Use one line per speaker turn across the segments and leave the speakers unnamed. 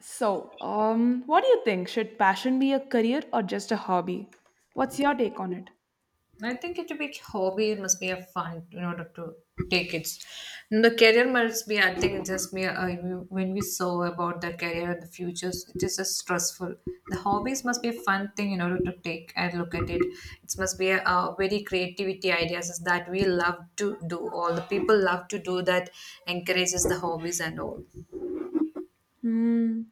So, what do you think? Should passion be a career or just a hobby? What's your take on it?
I think it to be hobby it must be a fun in order to take it. And the career must be. I think it's just me. When we saw about the career and the futures, it is just stressful. The hobbies must be a fun thing in order to take and look at it. It must be a, very creativity ideas is that we love to do. All the people love to do that encourages the hobbies and all.
Hmm.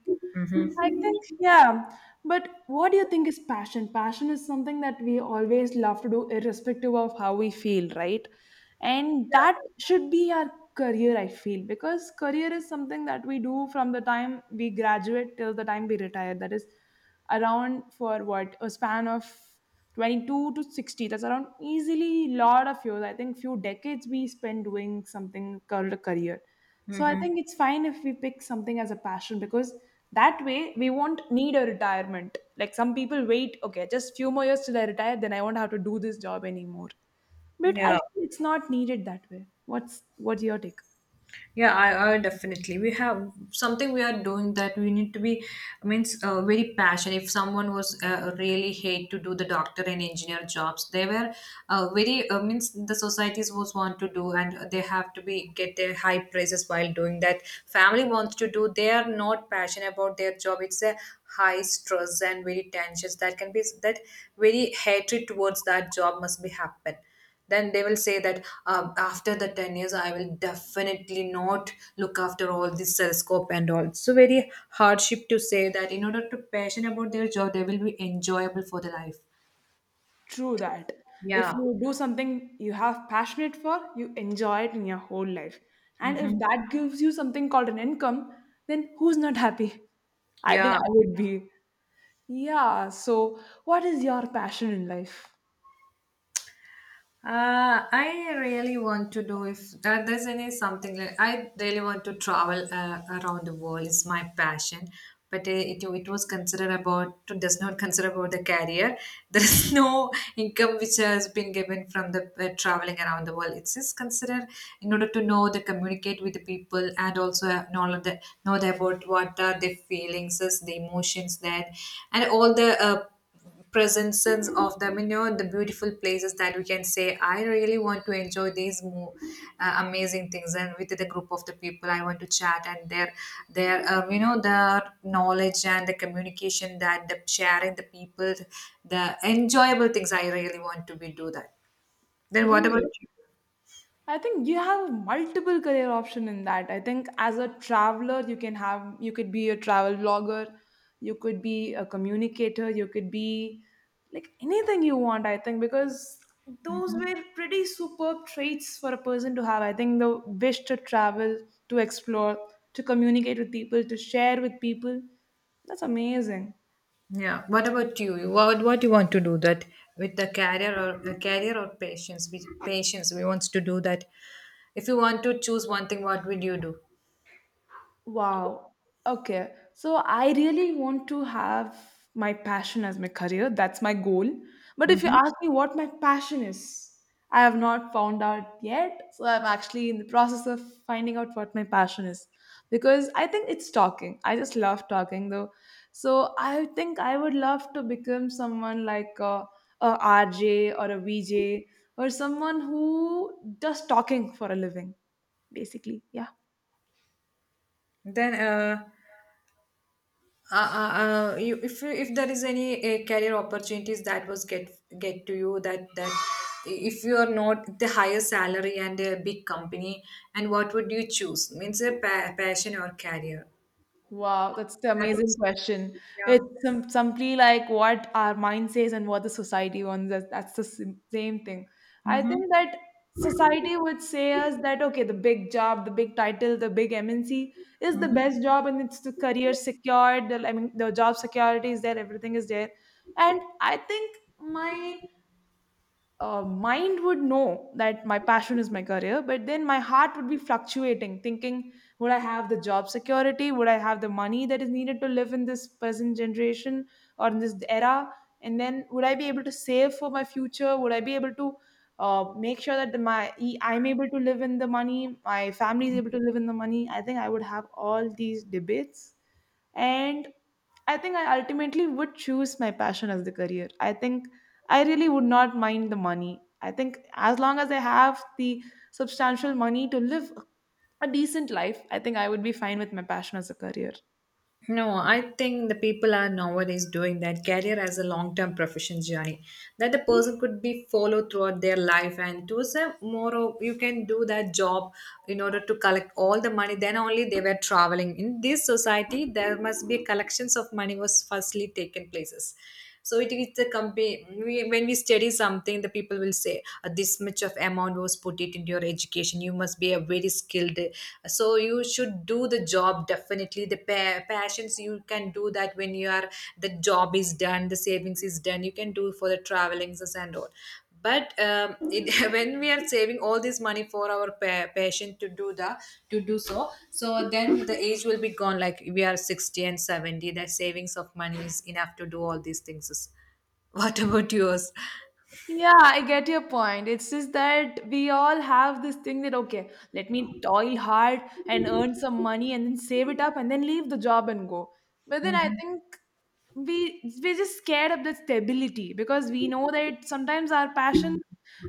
I think, yeah. But what do you think is passion? Passion is something that we always love to do, irrespective of how we feel, right? And that should be our career, I feel, because career is something that we do from the time we graduate till the time we retire. That is around for what, a span of 22 to 60. That's around easily lot of years. I think few decades we spend doing something called a career. So I
Mm-hmm.
think it's fine if we pick something as a passion, because that way we won't need a retirement, like some people wait, okay, just few more years till I retire, then I won't have to do this job anymore. But I
Yeah.
think it's not needed that way. What's your take?
Yeah, I definitely. We have something we are doing that we need to be means very passionate. If someone was really hate to do the doctor and engineer jobs, they were very means the societies was want to do, and they have to be get their high praises while doing that. Family wants to do. They are not passionate about their job. It's a high stress and very tensions that can be that very hatred towards that job must be happen then they will say that after the 10 years, I will definitely not look after all this cell and all. So, very hardship to say that in order to passion about their job, they will be enjoyable for the life.
True that. If
Yeah.
you do something you have passionate for, you enjoy it in your whole life. And if
Hmm.
that gives you something called an income, then who's not happy? I think
Yeah.
I would be. Yeah. So, what is your passion in life?
I really want to do if there's any something like I really want to travel around the world. It's my passion, but it was considered about it does not consider about the career. There is no income which has been given from the traveling around the world. It's just considered in order to know the communicate with the people and also have knowledge the, know the about what are the feelings, is the emotions that and all the. Presences of them, you know, the beautiful places that we can say I really want to enjoy these amazing things, and with the group of the people I want to chat and their you know, the knowledge and the communication that the sharing the people, the enjoyable things I really want to be do that. Then what about
Great. I think you have multiple career option in that. I think as a traveler, you can have you could be a travel blogger, you could be a communicator, you could be like anything you want. I think because those were pretty superb traits for a person to have. I think the wish to travel, to explore, to communicate with people, to share with people. That's amazing.
you? Yeah, what about you? What you want to do that with the career, or the career or patience? With patience we wants to do that. If you want to choose one thing, what would you do?
Wow. Okay. So I really want to have my passion as my career. That's my goal. But if you ask me what my passion is, I have not found out yet. So I'm actually in the process of finding out what my passion is, because I think it's talking. I just love talking though. So I think I would love to become someone like a RJ or a VJ, or someone who does talking for a living, basically. Yeah.
Then, you, if there is any career opportunities that was get to you, that if you are not the higher salary and a big company, and what would you choose? Means a passion or career.
Wow, that's the
That
amazing
was,
question.
yeah.
It's simply like what our mind says and what the society wants us. That's the same thing. I
Mm-hmm.
think that society would say us that okay, the big job, the big title, the big MNC is the
Mm-hmm.
best job, and it's the career secured. The, I mean, the job security is there, everything is there. And I think my mind would know that my passion is my career, but then my heart would be fluctuating, thinking, would I have the job security? Would I have the money that is needed to live in this present generation or in this era? And then would I be able to save for my future? Would I be able to make sure that I'm able to live in the money, my family is able to live in the money? I think I would have all these debates. And I think I ultimately would choose my passion as the career. I think I really would not mind the money. I think as long as I have the substantial money to live a decent life, I think I would be fine with my passion as a career.
No, I think the people are nowadays doing that career as a long-term profession journey that the person could be followed throughout their life, and to say you can do that job in order to collect all the money, then only they were traveling in this society. There must be collections of money was firstly taken places, so it is the company. When we study something, the people will say, This much of amount was put it into your education. You must be a very skilled, so you should do the job. Definitely the passions you can do that when you are the job is done, the savings is done, you can do for the travelings and all." But when we are saving all this money for our patient to do the to do so, so then the age will be gone. Like, we are 60 and 70, the savings of money is enough to do all these things. What about yours?
Yeah, I get your point. It's just that we all have this thing that, okay, let me toil hard and earn some money and then save it up and then leave the job and go. But then I
Mhm.
think we're just scared of the stability, because we know that sometimes our passion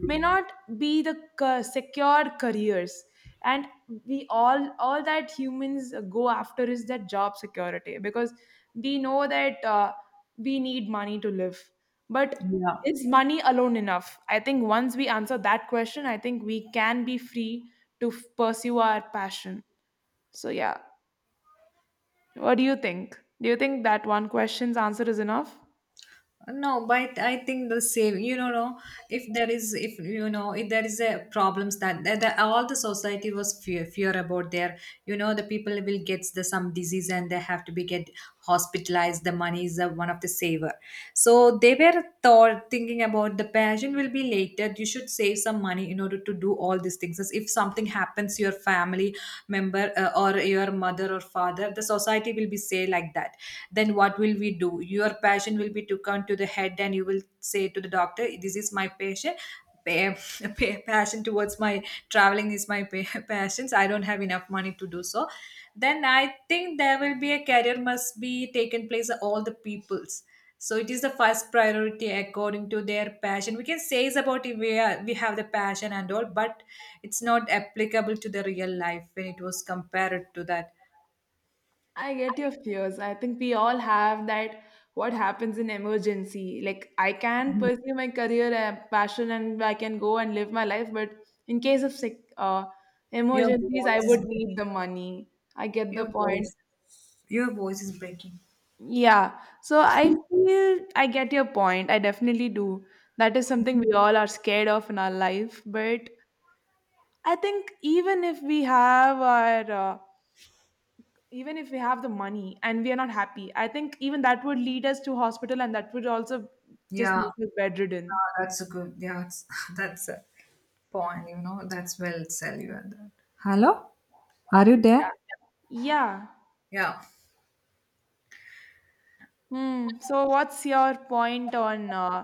may not be the secure careers. And we all that humans go after is that job security, because we know that we need money to live. But
Yeah.
is money alone enough? I think once we answer that question, I think we can be free to pursue our passion. So, yeah. What do you think? Do you think that one question's answer is enough?
No, but I think the same. You know, no, if there is, if you know, if there is a problems that all the society was fear about there. You know, the people will get the some disease, and they have to be get hospitalized. The money is one of the saver. So they were thought thinking about the passion will be later. You should save some money in order to do all these things. As if something happens, your family member or your mother or father, the society will be say like that. Then what will we do? Your passion will be taken to the head, and you will say to the doctor, "This is my patient pa- passion towards my traveling is my passions. I don't have enough money to do so." Then I think there will be a career must be taken place of all the peoples. So it is the first priority according to their passion. We can say is about if we, are, we have the passion and all, but it's not applicable to the real life when it was compared to that.
I get your fears. I think we all have that, what happens in emergency. Like, I can pursue my career and passion and I can go and live my life, but in case of sick
Your
emergencies, I
voice is
would need
breaking.
the money. I get the
Your
point.
voice. Your voice is breaking.
Yeah. So I feel I get your point. I definitely do. That is something we all are scared of in our life. But I think even if we have our, even if we have the money and we are not happy, I think even that would lead us to hospital, and that would also just
Yeah,
make us bedridden.
yeah, that's a good. Yeah, it's, that's a point. You know, that's well said. You are that. Hello, are you there?
Yeah. Yeah.
Yeah.
Hmm. So what's your point on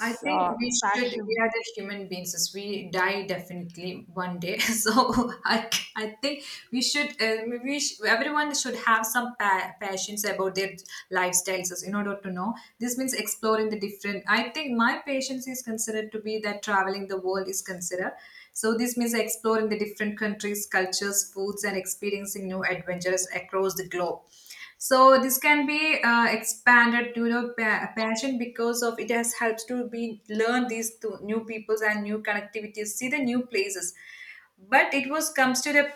I think we should, we
passion?
are the human beings, as we die definitely one day. So I think we everyone should have some passions about their lifestyles as in order to know. This means exploring the different, I think my patience is considered to be that traveling the world is considered. So this means exploring the different countries, cultures, foods, and experiencing new adventures across the globe. So this can be expanded to, you know, passion, because of it has helps to be learn these to new peoples and new connectivities, see the new places. But it was comes to the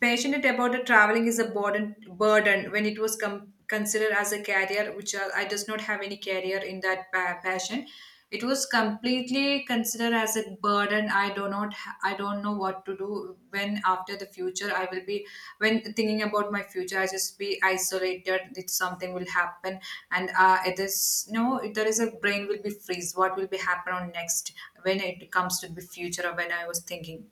passionate about the traveling is a burden when it was considered as a career, which I does not have any career in that passion. It was completely considered as a burden. I do not ha- I don't know what to do when after the future I will be, when thinking about my future, I just be isolated that something will happen, and it is no. There is a brain will be freeze what will be happen on next when it comes to the future or when I was thinking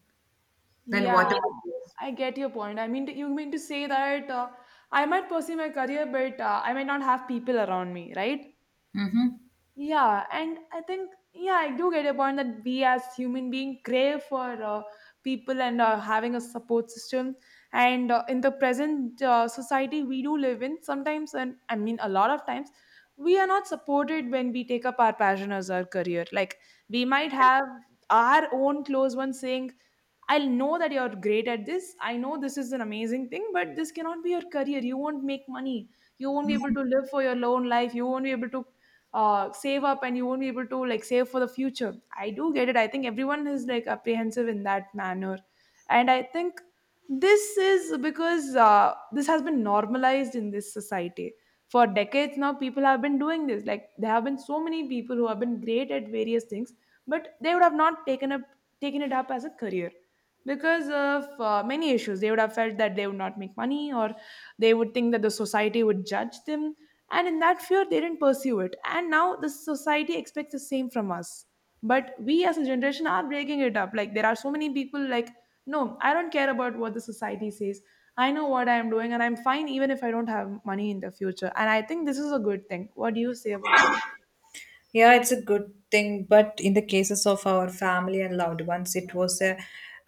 then
Yeah,
what. Yeah, about
I get your point. I mean, you mean to say that I might pursue my career, but I might not have people around me, right?
you? Mhm.
Yeah, and I think, yeah, I do get your point that we as human being crave for people and having a support system. And in the present society we do live in, sometimes, and I mean, a lot of times, we are not supported when we take up our passion as our career. Like, we might have our own close ones saying, I'll know that you're great at this. I know this is an amazing thing, but this cannot be your career. You won't make money. You won't be able to live for your own life. You won't be able to save up, and you won't be able to like save for the future. I do get it. I think everyone is like apprehensive in that manner. And I think this is because this has been normalized in this society. For decades now, people have been doing this. Like, there have been so many people who have been great at various things, but they would have not taken it up as a career, because of many issues they would have felt that they would not make money, or they would think that the society would judge them, and in that fear they didn't pursue it, and now the society expects the same from us. But we as a generation are breaking it up. Like, there are so many people like, no, I don't care about what the society says. I know what I am doing, and I'm fine even if I don't have money in the future, and I think this is a good thing. What do you say about that?
Yeah, it's a good thing, but in the cases of our family and loved ones, it was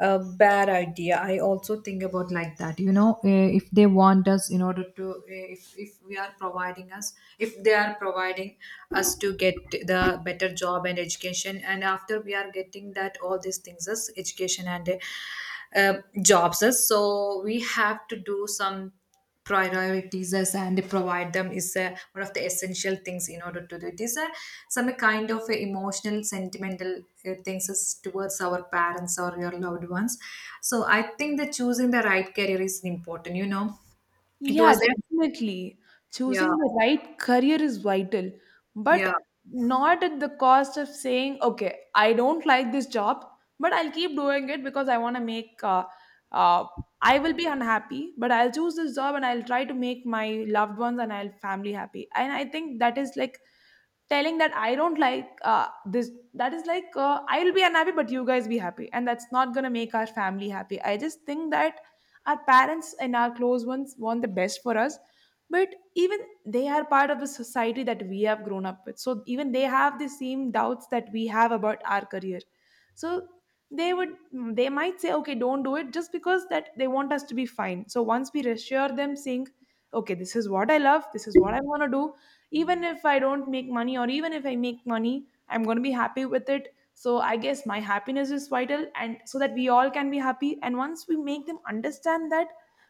a bad idea. I also think about like that. You know, eh, if they want us in order to, eh, if we are providing us, if they are providing us to get the better job and education, and after we are getting that all these things as education and jobs, as so we have to do some. Priorities us and provide them is one of the essential things in order to do. It is some kind of emotional sentimental things is towards our parents or your loved ones. So I think that choosing the right career is important, you know. It
Yeah,
was a,
definitely.
yeah.
Choosing the right career is vital,
Yeah.
but not at the cost of saying, okay, I don't like this job, but I'll keep doing it because I want to make, uh, I will be unhappy, but I'll choose this job and I'll try to make my loved ones and I'll family happy. And I think that is like telling that I don't like uh, this, that is like I'll be unhappy but you guys be happy, and that's not going to make our family happy. I just think that our parents and our close ones want the best for us, but even they are part of the society that we have grown up with, so even they have the same doubts that we have about our career. So they would, they might say, okay, don't do it, just because that they want us to be fine. So once we reassure them saying, okay, this is what I love, this is what I want to do, even if I don't make money or even if I make money, I'm going to be happy with it. So I guess my happiness is vital, and so that we all can be happy. And once we make them understand that,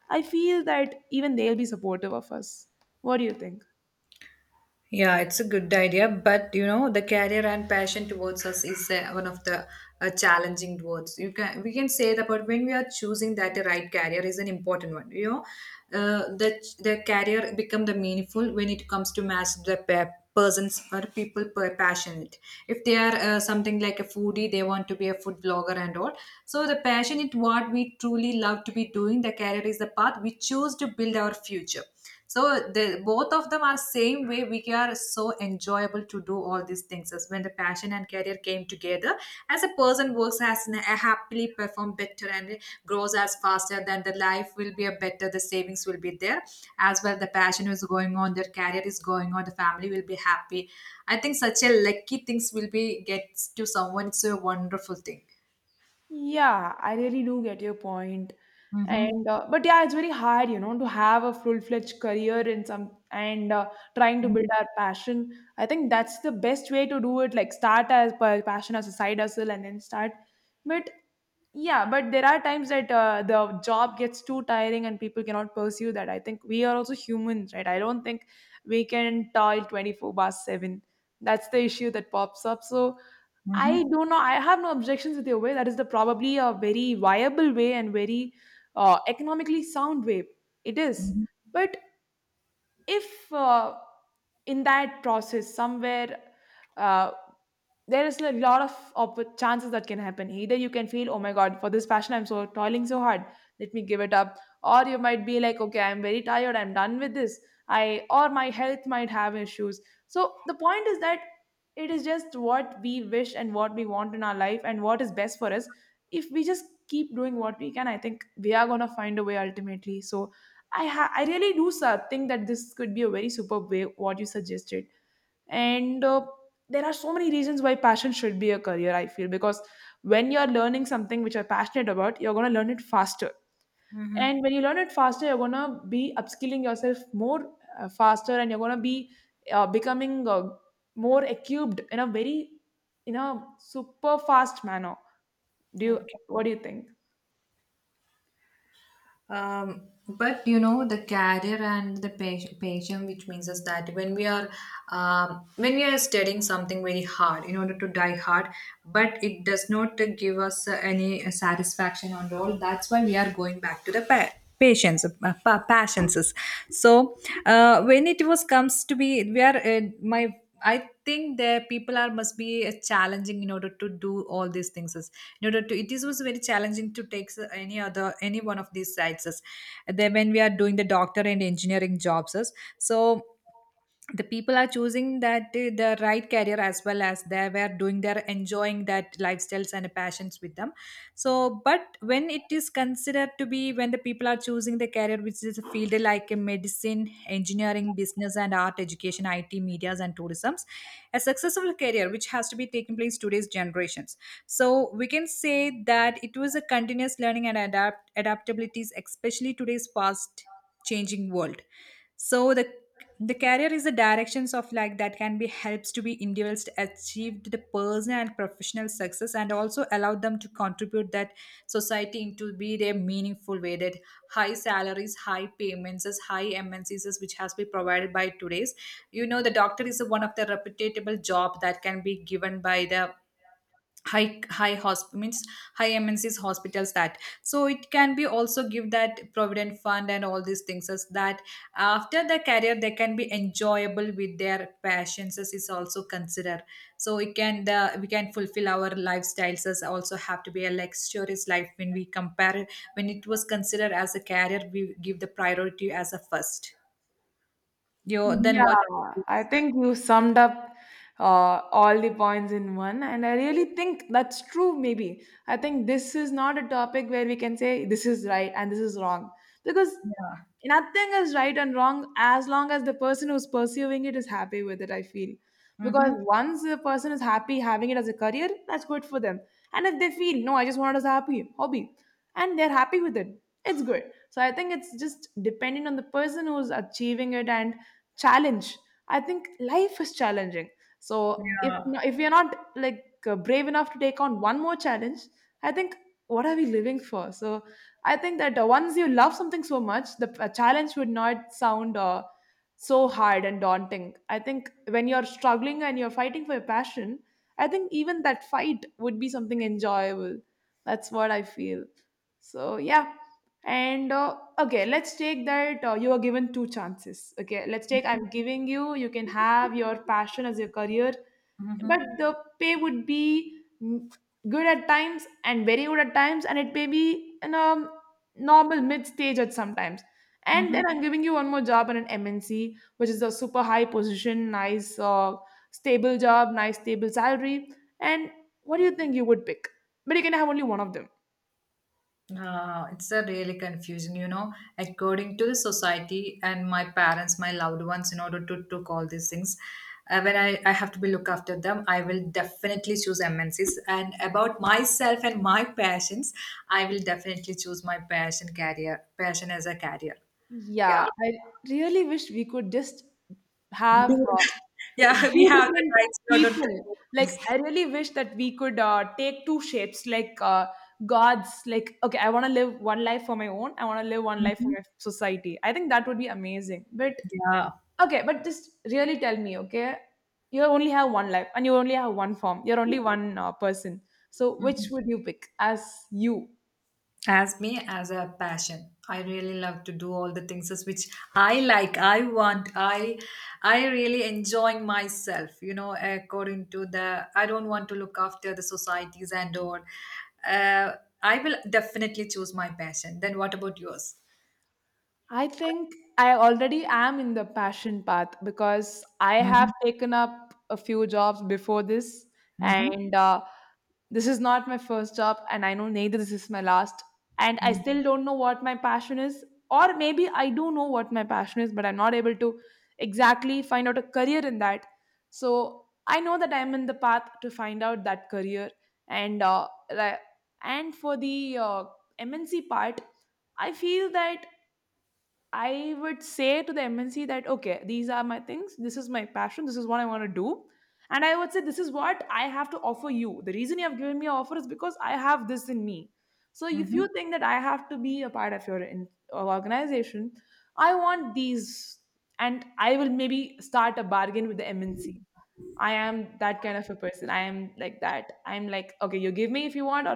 I feel that even they'll be supportive of us. What do you think?
Yeah, it's a good idea, but you know, the career and passion towards us is one of the challenging towards. You can, we can say that, but when we are choosing that, the right career is an important one. You know, the career become the meaningful when it comes to match the persons or people per passionate. If they are something like a foodie, they want to be a food blogger and all. So the passion is what we truly love to be doing. The career is the path we choose to build our future. So the both of them are same way, we are so enjoyable to do all these things as when the passion and career came together, as a person works as an, a happily perform better and grows as faster, then the life will be a better, the savings will be there as well, the passion is going on, their career is going on, the family will be happy. I think such a lucky things will be gets to someone, it's a wonderful thing.
Yeah, I really do get your point.
Mm-hmm.
And But yeah, it's very hard to have a full-fledged career in some and trying to build our passion. I think that's the best way to do it, like start as per passion as a side hustle and then start. But yeah, but there are times that the job gets too tiring and people cannot pursue that. I think we are also humans, right? I don't think we can toil 24 bar 7. That's the issue that pops up. So I
Mm-hmm.
do not, I have no objections with your way. That is the probably a very viable way, and very economically sound way it is.
Mm-hmm.
But if in that process somewhere, uh, there is a lot of chances that can happen. Either you can feel, oh my god, for this passion I'm so toiling so hard, let me give it up, or you might be like, okay, I'm very tired, I'm done with this, I or my health might have issues. So the point is that it is just what we wish and what we want in our life and what is best for us. If we just keep doing what we can, I think we are going to find a way ultimately. So I really do think that this could be a very superb way what you suggested, and there are so many reasons why passion should be a career. I feel because when you're learning something which you're passionate about, you're gonna learn it faster,
Hmm.
and when you learn it faster, you're gonna be upskilling yourself more faster, and you're gonna be becoming more equipped in a very, in a super fast manner. Do you?
Okay.
What do you think?
Um, but you know the career and the passion, which means is that when we are studying something very hard in order to die hard, but it does not give us any satisfaction on all. That's why we are going back to the patience, passions. So when it was comes to be, we are my, I think there people are must be challenging in order to do all these things. Is- in order to, it is was very challenging to take any one of these sites. Is. Then when we are doing the doctor and engineering jobs, is. So the people are choosing that the right career, as well as they were doing their enjoying that lifestyles and passions with them. So but when it is considered to be, when the people are choosing the career which is a field like a medicine, engineering, business, and art, education, it, medias, and tourisms, a successful career which has to be taking place today's generations. So we can say that it was a continuous learning and adaptabilities, especially today's fast changing world. So the career is the directions of like that can be helps to be individuals to achieve the personal and professional success, and also allow them to contribute that society into be their meaningful way, that high salaries, high payments, as high MNCs which has been provided by today's, you know, the doctor is one of the reputable job that can be given by the high high hosp means high MNCs hospitals. That so it can be also give that provident fund and all these things as that after the career they can be enjoyable with their passions as is also considered. So we can the we can fulfill our lifestyles as also have to be a luxurious life when we compare it. When it was considered as a career, we give the priority as a first. You, then
Yeah,
what about you?
I think you summed up all the points in one, and I really think that's true. Maybe I think this is not a topic where we can say this is right and this is wrong, because
Yeah.
nothing is right and wrong as long as the person who's pursuing it is happy with it. I feel because
Mm-hmm.
once a person is happy having it as a career, that's good for them, and if they feel no, I just want it as a happy hobby, and they're happy with it, it's good. So I think it's just depending on the person who's achieving it and challenge. I think life is challenging. So if
Yeah.
if we are not like brave enough to take on one more challenge, I think what are we living for? So I think that once you love something so much, the challenge would not sound so hard and daunting. I think when you're struggling and you're fighting for your passion, I think even that fight would be something enjoyable. That's what I feel. So yeah, and okay, let's take that you are given two chances. Okay, let's take I'm giving you, you can have your passion as your career, but
Mm-hmm.
the pay would be good at times and very good at times, and it may be in a normal mid stage at sometimes. And
Mm-hmm.
then I'm giving you one more job in an MNC, which is a super high position, nice, stable job, nice, stable salary. And what do you think you would pick? But you can have only one of them.
It's a really confusing, you know, according to the society and my parents, my loved ones, in order to took all these things. When I have to be look after them, I will definitely choose MNCs. And about myself and my passions, I will definitely choose my passion career, passion as a career. Yeah.
Yeah, I really wish we could just have
Do- Yeah, we
two
have the
different
rights in order
people.
to.
Like, I really wish that we could take two shapes, like gods. Like, okay, I want to live one life for my own. I want to live one life for
Mhm.
my society. I think that would be amazing. But
Yeah.
okay, but just really tell me, okay, you only have one life, and you only have one form. You're only one person. So, which
Mm.
would you pick as you?
As me, as a passion I really love to do all the things as which I like, I want, I really enjoying myself, you know, according to the I don't want to look after the societies, and or uh, I will definitely choose my passion. Then what about yours?
I think I already am in the passion path because I
Mm-hmm.
have taken up a few jobs before this, and this is not my first job, and I know neither this is my last. And I still don't know what my passion is, or maybe I do know what my passion is, but I'm not able to exactly find out a career in that. So I know that I'm in the path to find out that career, and uh, li- and for the MNC part, I feel that. I would say to the MNC that, okay, these are my things. This is my passion. This is what I want to do. And I would say, this is what I have to offer you. The reason you have given me an offer is because I have this in me. So if you
Mm-hmm.
think that I have to be a part of your organization, I want these. And I will maybe start a bargain with the MNC. I am that kind of a person. I am like that. I'm like, okay, you give me if you want, or